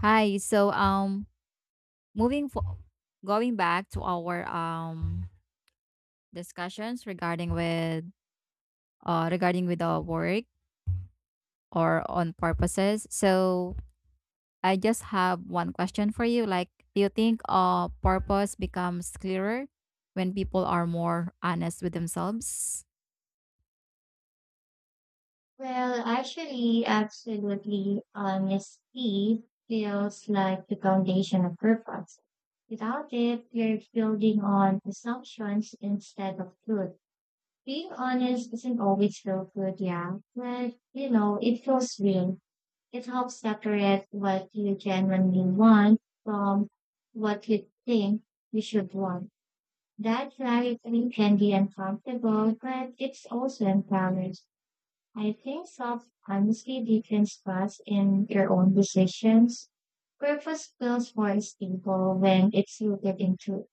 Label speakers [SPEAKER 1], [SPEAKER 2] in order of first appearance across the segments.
[SPEAKER 1] Hi. Moving for going back to our discussions regarding with our work or on purposes. So, I just have one question for you. Like, do you think purpose becomes clearer when people are more honest with themselves?
[SPEAKER 2] Absolutely. Honesty feels like the foundation of purpose. Without it, you're building on assumptions instead of truth. Being honest doesn't always feel good, yeah, but it feels real. It helps separate what you genuinely want from what you think you should want. That clarity can be uncomfortable, but it's also empowering. I think self honesty deepens trust in your own decisions. Purpose feels more stable when it's rooted in truth.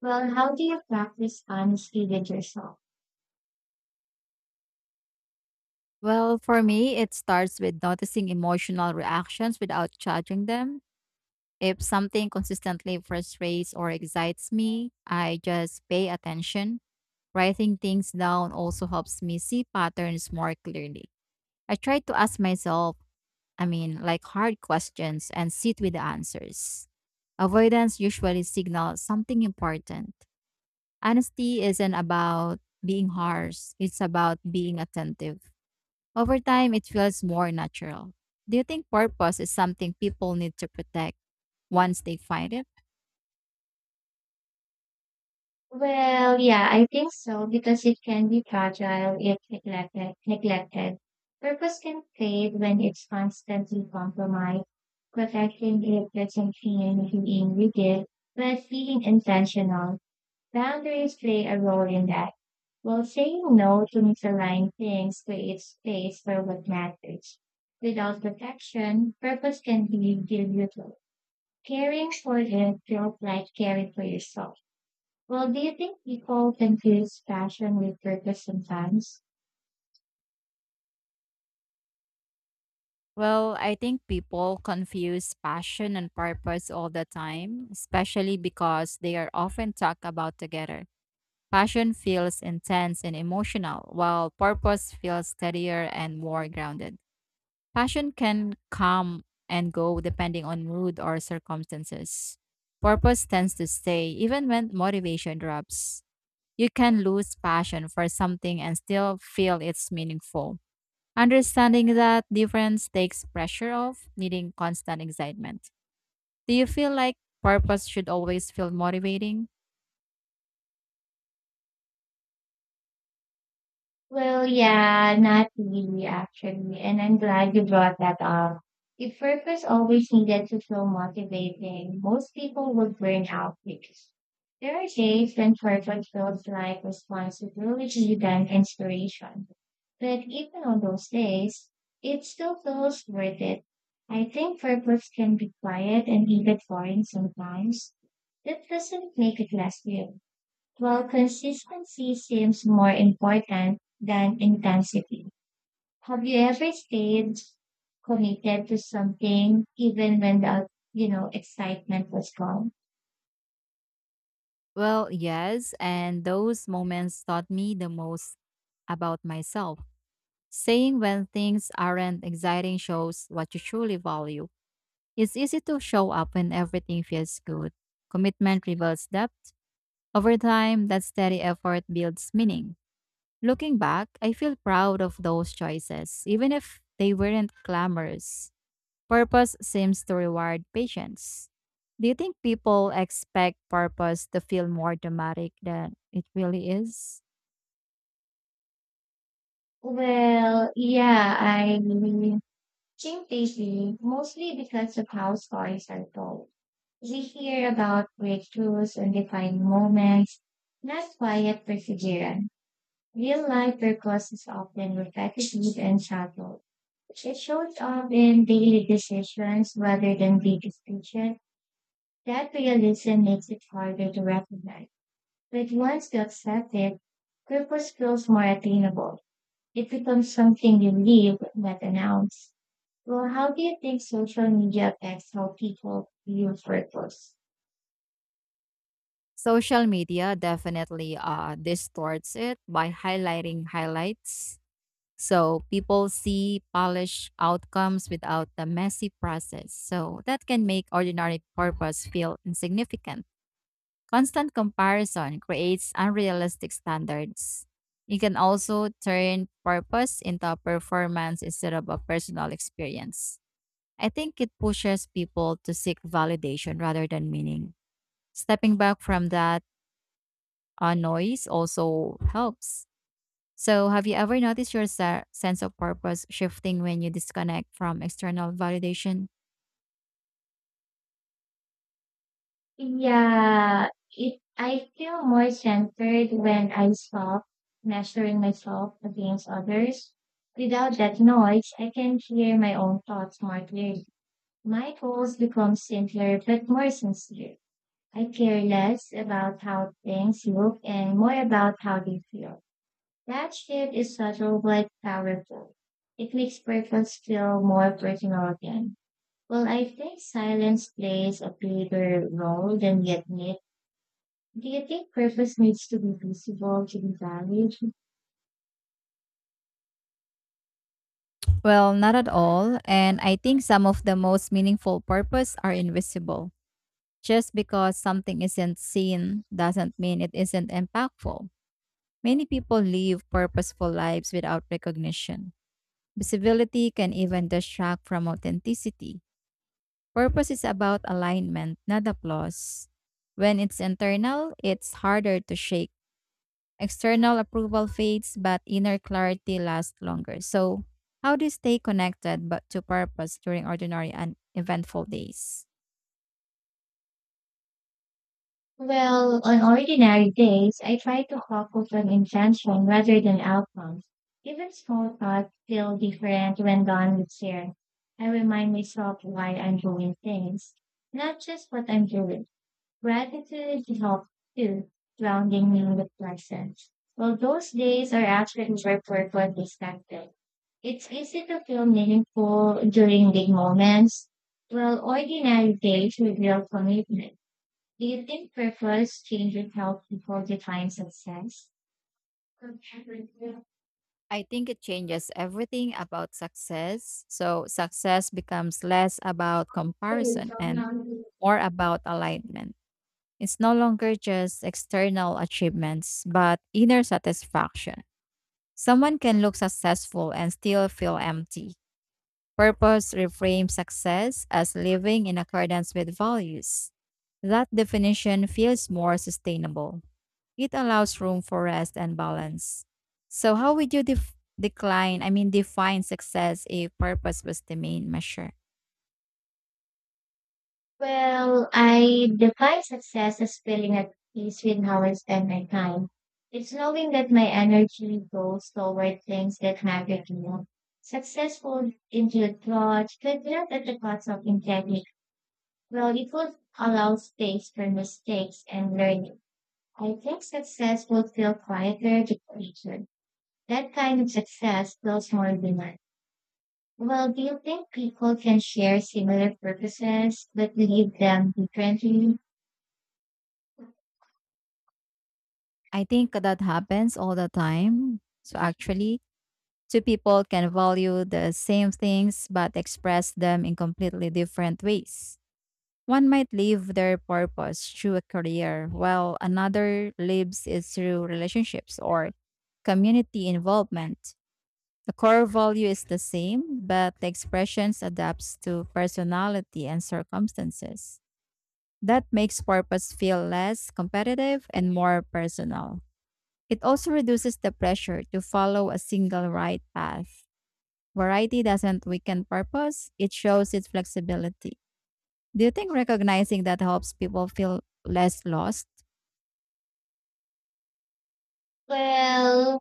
[SPEAKER 2] Well, how do you practice honesty with yourself?
[SPEAKER 1] Well, for me, it starts with noticing emotional reactions without judging them. If something consistently frustrates or excites me, I just pay attention. Writing things down also helps me see patterns more clearly. I try to ask myself, like, hard questions and sit with the answers. Avoidance usually signals something important. Honesty isn't about being harsh, it's about being attentive. Over time, it feels more natural. Do you think purpose is something people need to protect once they find it?
[SPEAKER 2] Well, yeah, I think so because it can be fragile if neglected. Purpose can fade when it's constantly compromised. Protecting it doesn't mean being rigid, but being intentional. Boundaries play a role in that. While saying no to misaligned things creates space for what matters. Without protection, purpose can be diluted. Caring for them feels like caring for yourself. Well, do you think people confuse passion with purpose sometimes?
[SPEAKER 1] Well, I think people confuse passion and purpose all the time, especially because they are often talked about together. Passion feels intense and emotional, while purpose feels steadier and more grounded. Passion can come and go depending on mood or circumstances. Purpose tends to stay even when motivation drops. You can lose passion for something and still feel it's meaningful. Understanding that difference takes pressure off needing constant excitement. Do you feel like purpose should always feel motivating?
[SPEAKER 2] Well, yeah, not really actually. And I'm glad you brought that up. If purpose always needed to feel motivating, most people would burn out because there are days when purpose feels like responsibility than inspiration. But even on those days, it still feels worth it. I think purpose can be quiet and even boring sometimes. That doesn't make it less real. Well, consistency seems more important than intensity. Have you ever stayed committed to something even when the excitement was gone?
[SPEAKER 1] Well, yes, and those moments taught me the most about myself. Saying when things aren't exciting shows what you truly value. It's easy to show up when everything feels good. Commitment reveals depth. Over time, that steady effort builds meaning. Looking back, I feel proud of those choices, even if they weren't glamorous. Purpose seems to reward patience. Do you think people expect purpose to feel more dramatic than it really is?
[SPEAKER 2] Well, yeah, I think lately, mostly because of how stories are told. We hear about breakthroughs and defining moments, not quiet perseverance. Real life work is often repetitive and shallow. It shows up in daily decisions rather than big speeches. That realism makes it harder to recognize. But once you accept it, purpose feels more attainable. It becomes something you live, not announce. Well, how do you think social media affects how people view purpose?
[SPEAKER 1] Social media definitely distorts it by highlighting highlights. So people see polished outcomes without the messy process. So that can make ordinary purpose feel insignificant. Constant comparison creates unrealistic standards. It can also turn purpose into a performance instead of a personal experience. I think it pushes people to seek validation rather than meaning. Stepping back from that noise also helps. So, have you ever noticed your sense of purpose shifting when you disconnect from external validation?
[SPEAKER 2] Yeah, it I feel more centered when I stop measuring myself against others. Without that noise, I can hear my own thoughts more clearly. My goals become simpler but more sincere. I care less about how things look and more about how they feel. That shift is subtle but powerful. It makes purpose feel more personal again. Well, I think silence plays a bigger role than we admit. Do you think purpose needs to be visible to be valued?
[SPEAKER 1] Well, not at all. And I think some of the most meaningful purpose are invisible. Just because something isn't seen doesn't mean it isn't impactful. Many people live purposeful lives without recognition. Visibility can even distract from authenticity. Purpose is about alignment, not applause. When it's internal, it's harder to shake. External approval fades, but inner clarity lasts longer. So, how do you stay connected but to purpose during ordinary and eventful days?
[SPEAKER 2] Well, on ordinary days, I try to focus on intention rather than outcomes. Even small thoughts feel different when done with care. I remind myself why I'm doing things, not just what I'm doing. Gratitude helps too, grounding me in the present. Well, those days are actually where purpose is connected. It's easy to feel meaningful during big moments, while ordinary days with commitment. Do you think preference changes would help people define success? Well,
[SPEAKER 1] I think it changes everything about success. So success becomes less about comparison and more about alignment. It's no longer just external achievements, but inner satisfaction. Someone can look successful and still feel empty. Purpose reframes success as living in accordance with values. That definition feels more sustainable. It allows room for rest and balance. So, how would you decline, define success if purpose was the main measure?
[SPEAKER 2] I define success as feeling at peace with how I spend my time. It's knowing that my energy goes toward things that matter to me. Successful include thought, but not at the cost of integrity. Well, it would allow space for mistakes and learning. I think success would feel quieter to creature. That kind of success feels more human. Well, do you think people can share similar purposes but lead them differently?
[SPEAKER 1] I think that happens all the time. So, actually, two people can value the same things but express them in completely different ways. One might live their purpose through a career, while another lives it through relationships or community involvement. The core value is the same, but the expressions adapts to personality and circumstances. That makes purpose feel less competitive and more personal. It also reduces the pressure to follow a single right path. Variety doesn't weaken purpose, it shows its flexibility. Do you think recognizing that helps people feel less lost?
[SPEAKER 2] Well,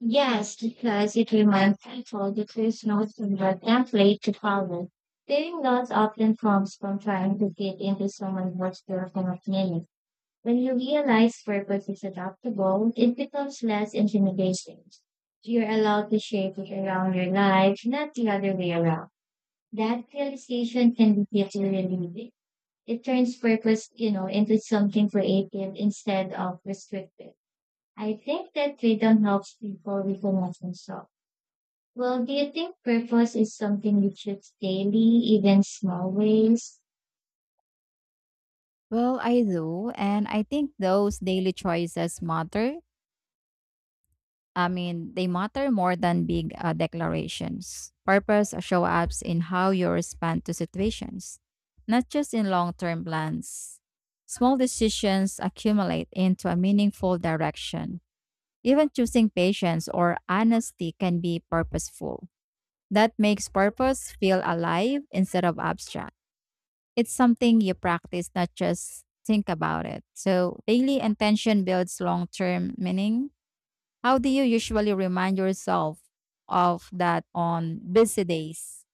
[SPEAKER 2] yes, because it reminds people that there's no single template to follow. Being lost often comes from trying to fit into someone else's version of meaning. When you realize purpose is adaptable, it becomes less intimidating. You're allowed to shape it around your life, not the other way around. That realization can be really relieving. It turns purpose into something creative instead of restrictive. I think that freedom helps people reconnect themselves. Well, do you think purpose is something you choose daily, even small ways?
[SPEAKER 1] Well, I do. And I think those daily choices matter. I mean, they matter more than big declarations. Purpose show up in how you respond to situations, not just in long term plans. Small decisions accumulate into a meaningful direction. Even choosing patience or honesty can be purposeful. That makes purpose feel alive instead of abstract. It's something you practice, not just think about it. So, daily intention builds long term meaning. How do you usually remind yourself of that on busy days?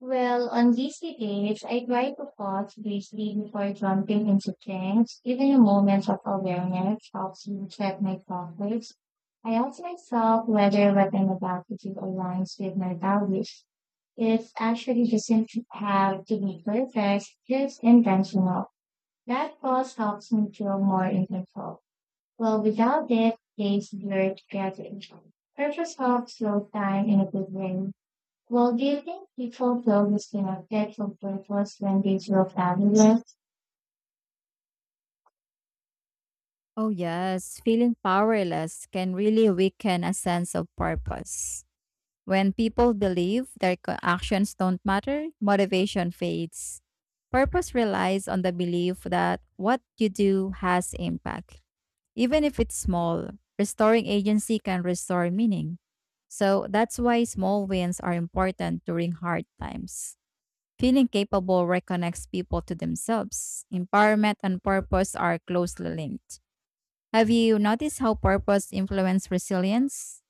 [SPEAKER 2] Well, on busy days, I try to pause briefly before jumping into things. Even a moment of awareness helps me check my progress. I ask myself whether what I'm about to do aligns with my values. It actually doesn't have to be perfect, just intentional. That pause helps me feel more in control. Well, without it, days blur together. Purpose helps slow time in a good way. Well, do you think people feel disconnected from purpose when they feel fabulous?
[SPEAKER 1] Oh, yes. Feeling powerless can really weaken a sense of purpose. When people believe their actions don't matter, motivation fades. Purpose relies on the belief that what you do has impact. Even if it's small, restoring agency can restore meaning. So that's why small wins are important during hard times. Feeling capable reconnects people to themselves. Empowerment and purpose are closely linked. Have you noticed how purpose influences resilience?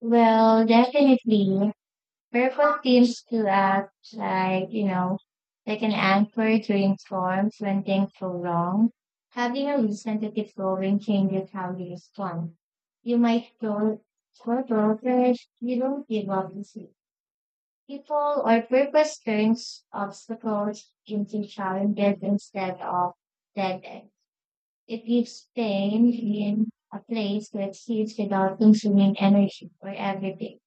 [SPEAKER 2] Well, definitely. Purpose seems to act like like an anchor during storms when things go wrong. Having a reason to keep going changes how you respond. You might go for over, you don't give up easy. People or purpose turns obstacles into challenges instead of dead. It leaves pain in a place to exist without consuming energy or everything.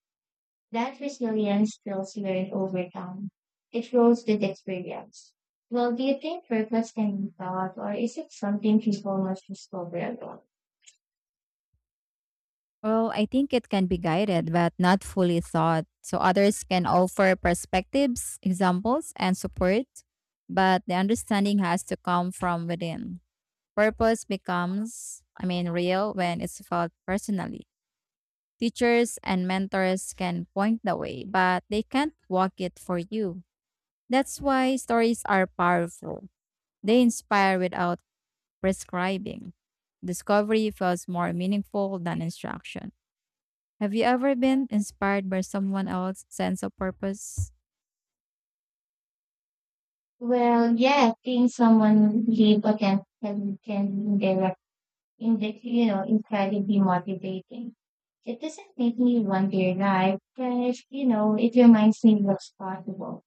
[SPEAKER 2] That resilience feels learned over time. It grows with experience. Well, do you think purpose can be taught, or is it something people must discover alone?
[SPEAKER 1] Well, I think it can be guided but not fully thought. So others can offer perspectives, examples, and support, but the understanding has to come from within. Purpose becomes, real when it's felt personally. Teachers and mentors can point the way, but they can't walk it for you. That's why stories are powerful. They inspire without prescribing. Discovery feels more meaningful than instruction. Have you ever been inspired by someone else's sense of purpose?
[SPEAKER 2] Well, yeah, seeing someone live authentically can be direct, indirect- you know, incredibly motivating. It doesn't make me wonder life, but it reminds me what's possible.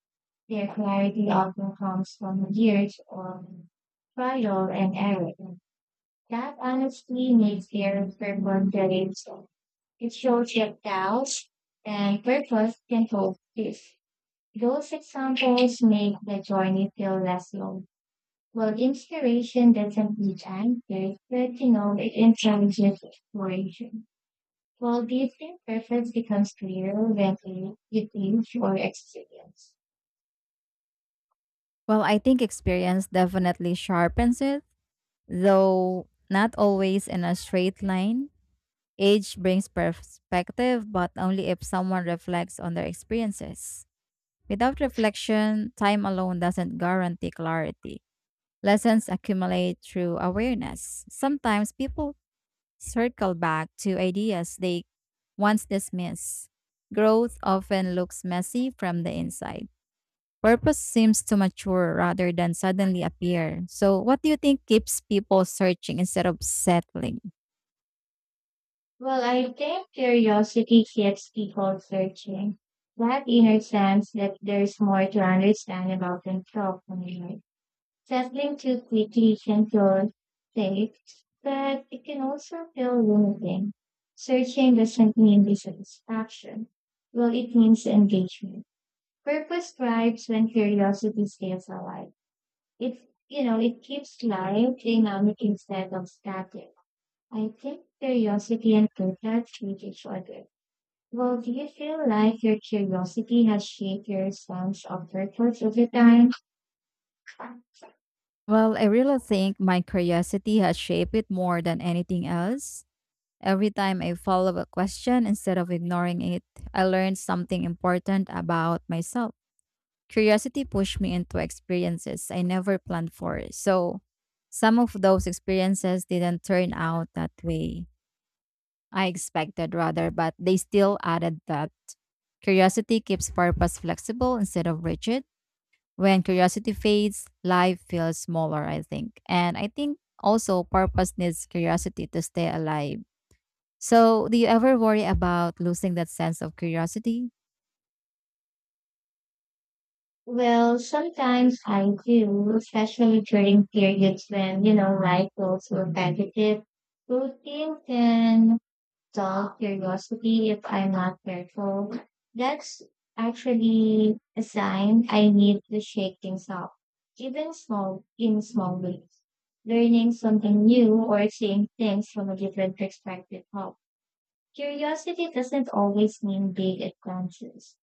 [SPEAKER 2] Their clarity often comes from years of trial and error. That honestly makes their purpose relatable. It shows that doubts and purpose can coexist. Those examples make the journey feel less long. Well, inspiration doesn't need answers, but it encourages exploration. Well, do you think purpose becomes clearer when you think or experience?
[SPEAKER 1] Well, I think experience definitely sharpens it, though not always in a straight line. Age brings perspective, but only if someone reflects on their experiences. Without reflection, time alone doesn't guarantee clarity. Lessons accumulate through awareness. Sometimes people circle back to ideas they once dismissed. Growth often looks messy from the inside. Purpose seems to mature rather than suddenly appear. So, what do you think keeps people searching instead of settling?
[SPEAKER 2] Well, I think curiosity keeps people searching. That inner sense that there's more to understand about themselves and life. Settling too quickly can feel safe, but it can also feel limiting. Searching doesn't mean dissatisfaction. Well, it means engagement. Purpose thrives when curiosity stays alive. It, it keeps life dynamic instead of static. I think curiosity and contrast with each other. Well, do you feel like your curiosity has shaped your sense of purpose over time?
[SPEAKER 1] Well, I really think my curiosity has shaped it more than anything else. Every time I follow a question instead of ignoring it, I learn something important about myself. Curiosity pushed me into experiences I never planned for. So, some of those experiences didn't turn out that way I expected, rather, but they still added that curiosity keeps purpose flexible instead of rigid. When curiosity fades, life feels smaller, I think. And I think also purpose needs curiosity to stay alive. So, do you ever worry about losing that sense of curiosity?
[SPEAKER 2] Well, sometimes I do, especially during periods when life goes repetitive. Routine can dull curiosity if I'm not careful. That's actually a sign I need to shake things up, even small in small ways. Learning something new or seeing things from a different perspective help. Curiosity doesn't always mean big adventures.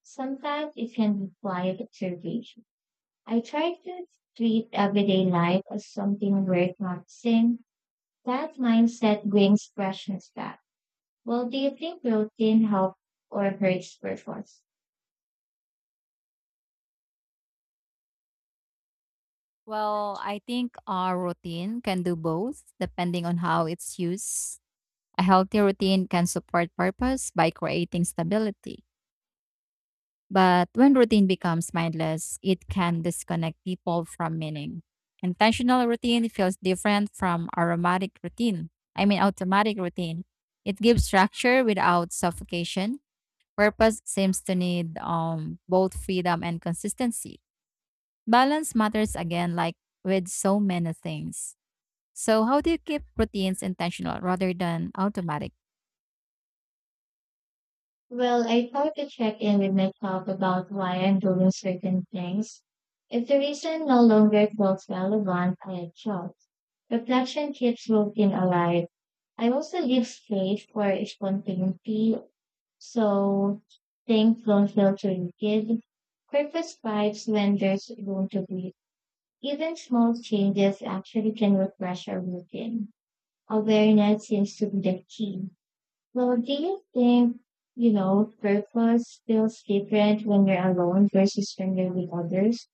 [SPEAKER 2] Sometimes it can be quiet observation. I try to treat everyday life as something worth noticing. That mindset brings freshness back. Well, do you think routine helps or hurts purpose?
[SPEAKER 1] Well, I think our routine can do both depending on how it's used. A healthy routine can support purpose by creating stability. But when routine becomes mindless, it can disconnect people from meaning. Intentional routine feels different from aromatic routine. Automatic routine. It gives structure without suffocation. Purpose seems to need both freedom and consistency. Balance matters again, like with so many things. So, how do you keep routines intentional rather than automatic?
[SPEAKER 2] Well, I try to check in with myself about why I'm doing certain things. If the reason no longer feels relevant, I adjust. Reflection keeps routine alive. I also leave space for spontaneity, so things don't feel too rigid. Purpose thrives when there's room to breathe. Even small changes actually can refresh our routine. Awareness seems to be the key. Well, do you think, purpose feels different when you're alone versus when you're with others?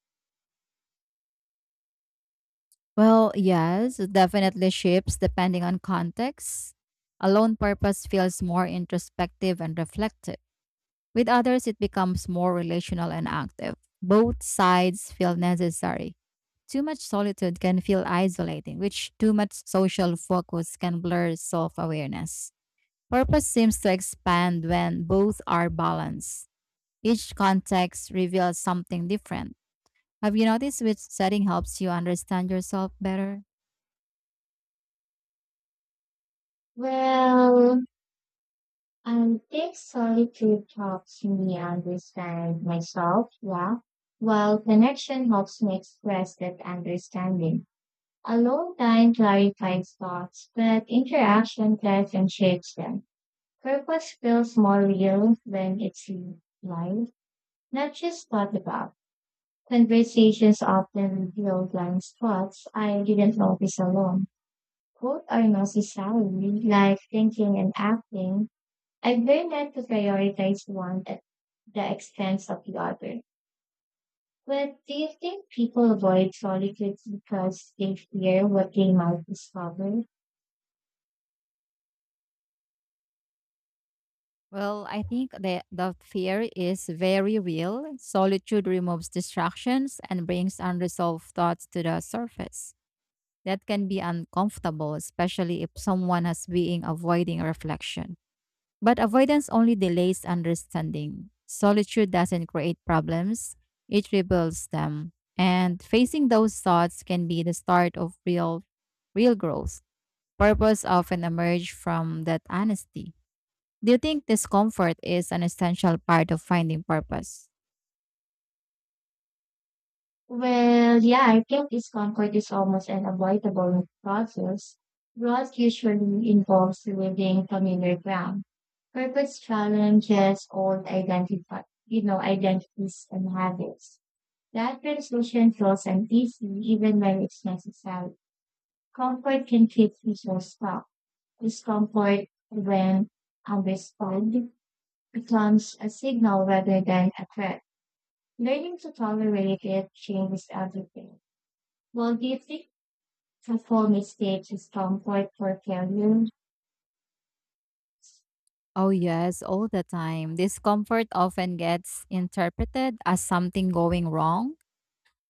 [SPEAKER 1] Well, yes, it definitely shifts depending on context. Alone purpose feels more introspective and reflective. With others, it becomes more relational and active. Both sides feel necessary. Too much solitude can feel isolating, which too much social focus can blur self awareness. Purpose seems to expand when both are balanced. Each context reveals something different. Have you noticed which setting helps you understand yourself better?
[SPEAKER 2] Well, I think solitude helps me understand myself, yeah, while connection helps me express that understanding. Alone time clarifies thoughts, but interaction clarifies and shapes them. Purpose feels more real when it's lived, not just thought about. Conversations often reveal blind spots I didn't notice alone. Both are necessary, like thinking and acting. I've learned not to prioritize one at the expense of the other. But do you think people avoid solitude because they fear what they might discover?
[SPEAKER 1] Well, I think that the fear is very real. Solitude removes distractions and brings unresolved thoughts to the surface. That can be uncomfortable, especially if someone has been avoiding reflection. But avoidance only delays understanding. Solitude doesn't create problems, it rebuilds them. And facing those thoughts can be the start of real growth. Purpose often emerge from that honesty. Do you think discomfort is an essential part of finding purpose?
[SPEAKER 2] Well, yeah, I think discomfort is almost an avoidable process. Growth usually involves leaving familiar ground. Purpose challenges old identities and habits. That transition feels uneasy even when it's necessary. Comfort can keep people stuck. Discomfort, when understood, becomes a signal rather than a threat. Learning to tolerate it changes everything. Well, do you think performing stage is comfort for failure?
[SPEAKER 1] Oh, yes, all the time. Discomfort often gets interpreted as something going wrong.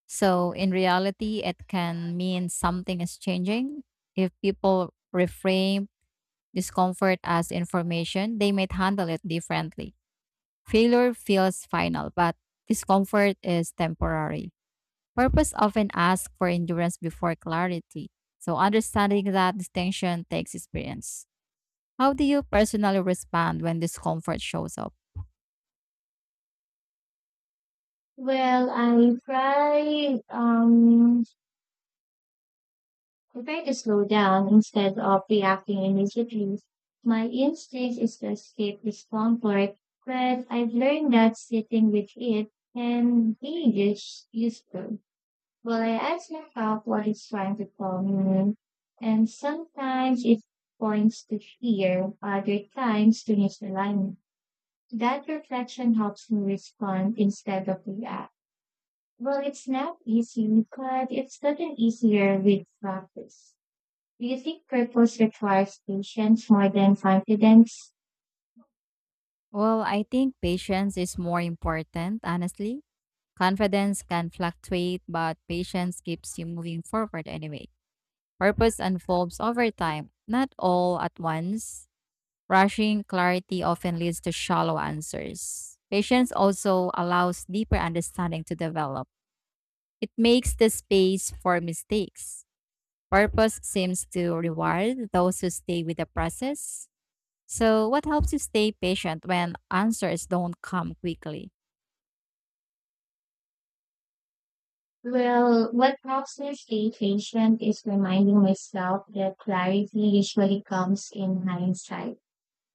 [SPEAKER 1] So, in reality, it can mean something is changing. If people reframe discomfort as information, they might handle it differently. Failure feels final, but discomfort is temporary. Purpose often asks for endurance before clarity, so understanding that distinction takes experience. How do you personally respond when discomfort shows up?
[SPEAKER 2] Well, I try to slow down instead of reacting immediately. My instinct is to escape discomfort, but I've learned that sitting with it can be useful. Well, I ask myself what it's trying to tell me, and sometimes it points to fear, other times to misalignment. That reflection helps me respond instead of react. Well, it's not easy, but it's gotten easier with practice. Do you think purpose requires patience more than confidence?
[SPEAKER 1] Well, I think patience is more important, honestly. Confidence can fluctuate, but patience keeps you moving forward anyway. Purpose unfolds over time, not all at once. Rushing clarity often leads to shallow answers. Patience also allows deeper understanding to develop. It makes the space for mistakes. Purpose seems to reward those who stay with the process. So, what helps you stay patient when answers don't come quickly?
[SPEAKER 2] Well, what helps me stay patient is reminding myself that clarity usually comes in hindsight.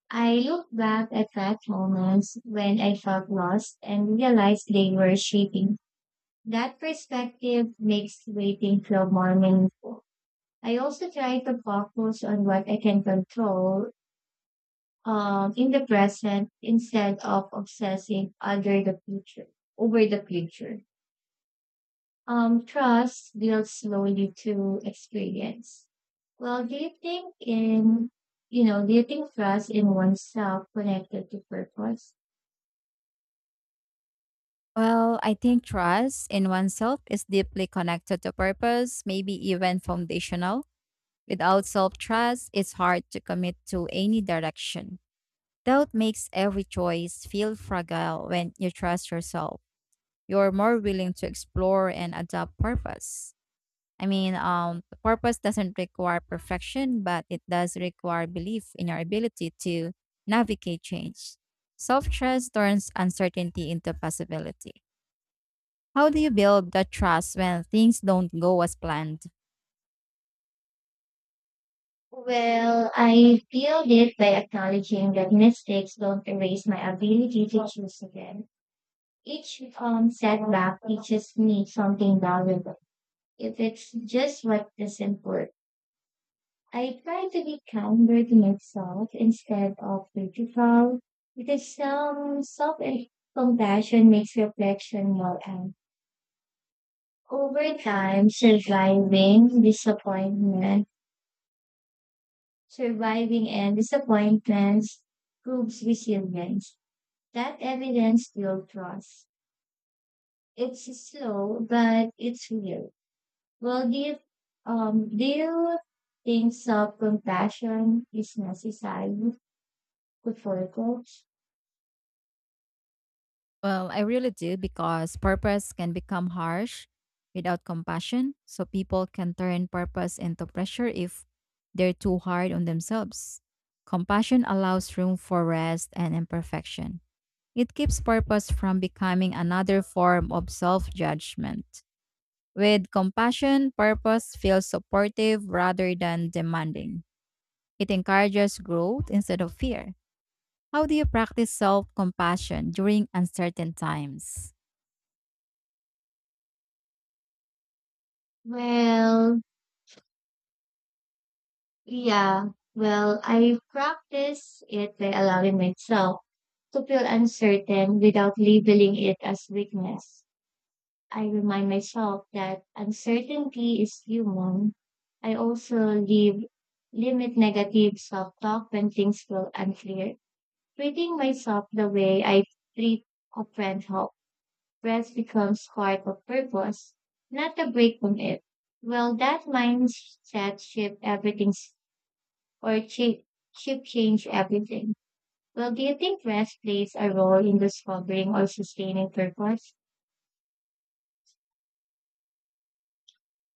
[SPEAKER 2] I look back at that moments when I felt lost and realized they were shaping. That perspective makes waiting feel more meaningful. I also try to focus on what I can control in the present instead of obsessing over the future. Over the future, trust builds slowly through experience. Well, do you think in you know, do you think trust in oneself connected to purpose?
[SPEAKER 1] Well, I think trust in oneself is deeply connected to purpose, maybe even foundational. Without self trust, it's hard to commit to any direction. Doubt makes every choice feel fragile when you trust yourself. You're more willing to explore and adopt purpose. Purpose doesn't require perfection, but it does require belief in your ability to navigate change. Self trust turns uncertainty into possibility. How do you build that trust when things don't go as planned?
[SPEAKER 2] Well, I feel it by acknowledging that mistakes don't erase my ability to choose again. Each setback teaches me something valuable if it's just what doesn't work. I try to be kinder to myself instead of critical because some self compassion makes reflection more and over time surviving disappointment surviving and disappointments proves resilience. That evidence builds trust. It's slow but it's real. Well, do you think self-compassion is necessary for a coach?
[SPEAKER 1] Well, I really do because purpose can become harsh without compassion. So people can turn purpose into pressure if they're too hard on themselves. Compassion allows room for rest and imperfection. It keeps purpose from becoming another form of self judgment. With compassion, purpose feels supportive rather than demanding. It encourages growth instead of fear. How do you practice self compassion during uncertain times?
[SPEAKER 2] Well, yeah. Well, I practice it by allowing myself to feel uncertain without labeling it as weakness. I remind myself that uncertainty is human. I also limit negative self-talk when things feel unclear, treating myself the way I treat a friend helps. Rest becomes part of purpose, not a break from it. Well, that mindset or chi- shift change everything. Well, do you think rest plays a role in discovering or sustaining purpose?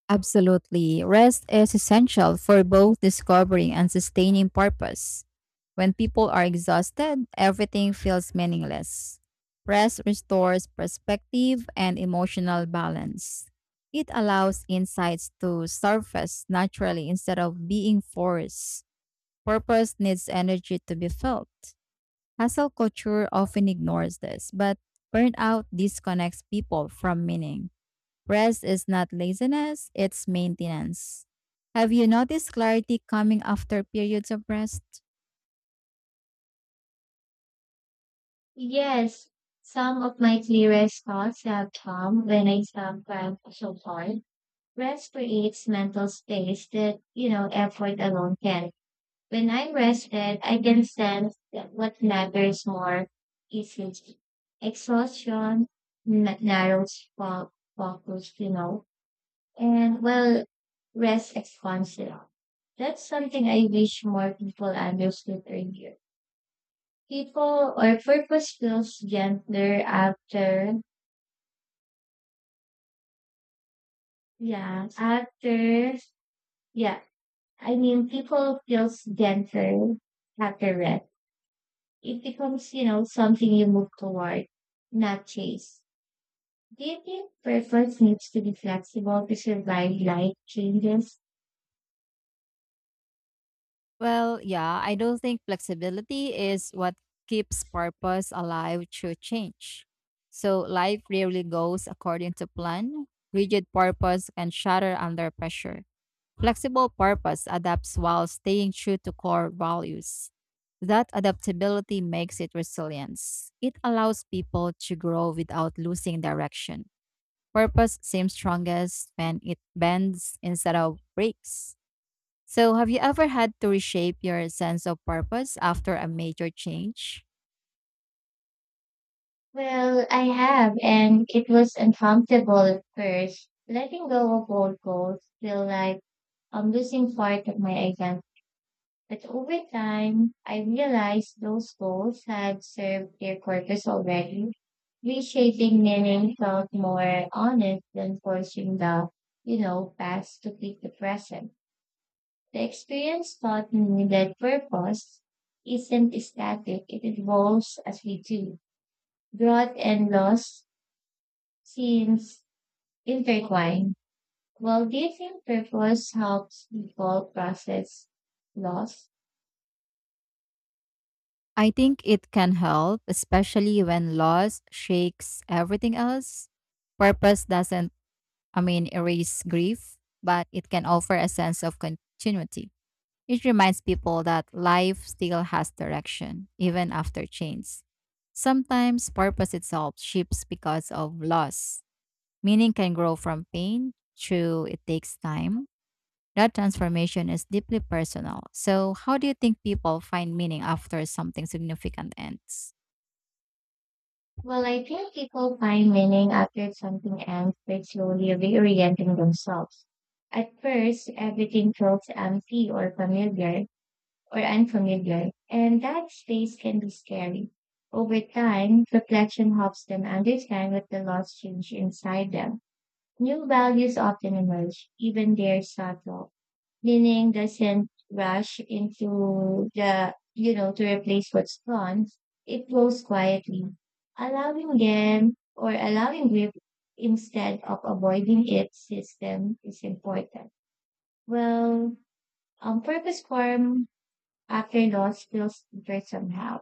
[SPEAKER 1] Absolutely. Rest is essential for both discovering and sustaining purpose. When people are exhausted, everything feels meaningless. Rest restores perspective and emotional balance. It allows insights to surface naturally instead of being forced. Purpose needs energy to be felt. Hustle culture often ignores this, but burnout disconnects people from meaning. Rest is not laziness, it's maintenance. Have you noticed clarity coming after periods of rest?
[SPEAKER 2] Yes, some of my clearest thoughts have come when I stop trying so hard. Rest creates mental space that effort alone can. When I'm rested, I can sense that what matters more is me. Exhaustion narrows focus, and well, rest expands it all. That's something I wish more people understood earlier. People or purpose feels gentler after, yeah, after, yeah. I mean, people feels gentler after rest. It becomes, something you move toward, not chase. Do you think purpose needs to be flexible to survive life changes?
[SPEAKER 1] Well, yeah, I don't think flexibility is what keeps purpose alive through change. So life rarely goes according to plan. Rigid purpose can shatter under pressure. Flexible purpose adapts while staying true to core values. That adaptability makes it resilience. It allows people to grow without losing direction. Purpose seems strongest when it bends instead of breaks. So, have you ever had to reshape your sense of purpose after a major change?
[SPEAKER 2] Well, I have, and it was uncomfortable at first. Letting go of old goals feel like I'm losing part of my identity. But over time, I realized those goals had served their purpose already. Reshaping meaning felt more honest than forcing the past to fit the present. The experience taught me that purpose isn't static, it evolves as we do. Growth and loss seems intertwined. Well, do you think purpose helps people process loss?
[SPEAKER 1] I think it can help, especially when loss shakes everything else. Purpose doesn't erase grief, but it can offer a sense of continuity. It reminds people that life still has direction, even after change. Sometimes purpose itself shifts because of loss. Meaning can grow from pain, true, it takes time, that transformation is deeply personal. So, how do you think people find meaning after something significant ends?
[SPEAKER 2] Well, I think people find meaning after something ends by slowly reorienting themselves. At first, everything feels empty or familiar, or unfamiliar, and that space can be scary. Over time, reflection helps them understand what the laws change inside them. New values often emerge, even they're subtle. Meaning doesn't rush into to replace what's gone. It flows quietly, allowing them or allowing grief instead of avoiding its system is important. Well, purpose form after loss feels different somehow.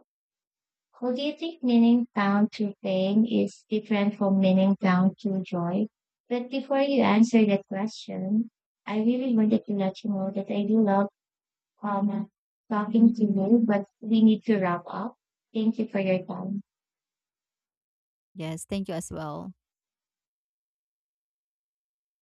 [SPEAKER 2] Who do you think meaning down to pain is different from meaning down to joy? But before you answer that question, I really wanted to let you know that I do love um,
[SPEAKER 1] Mhm.
[SPEAKER 2] talking to you, but we need to wrap up. Thank you for your time.
[SPEAKER 1] Yes, thank you as well.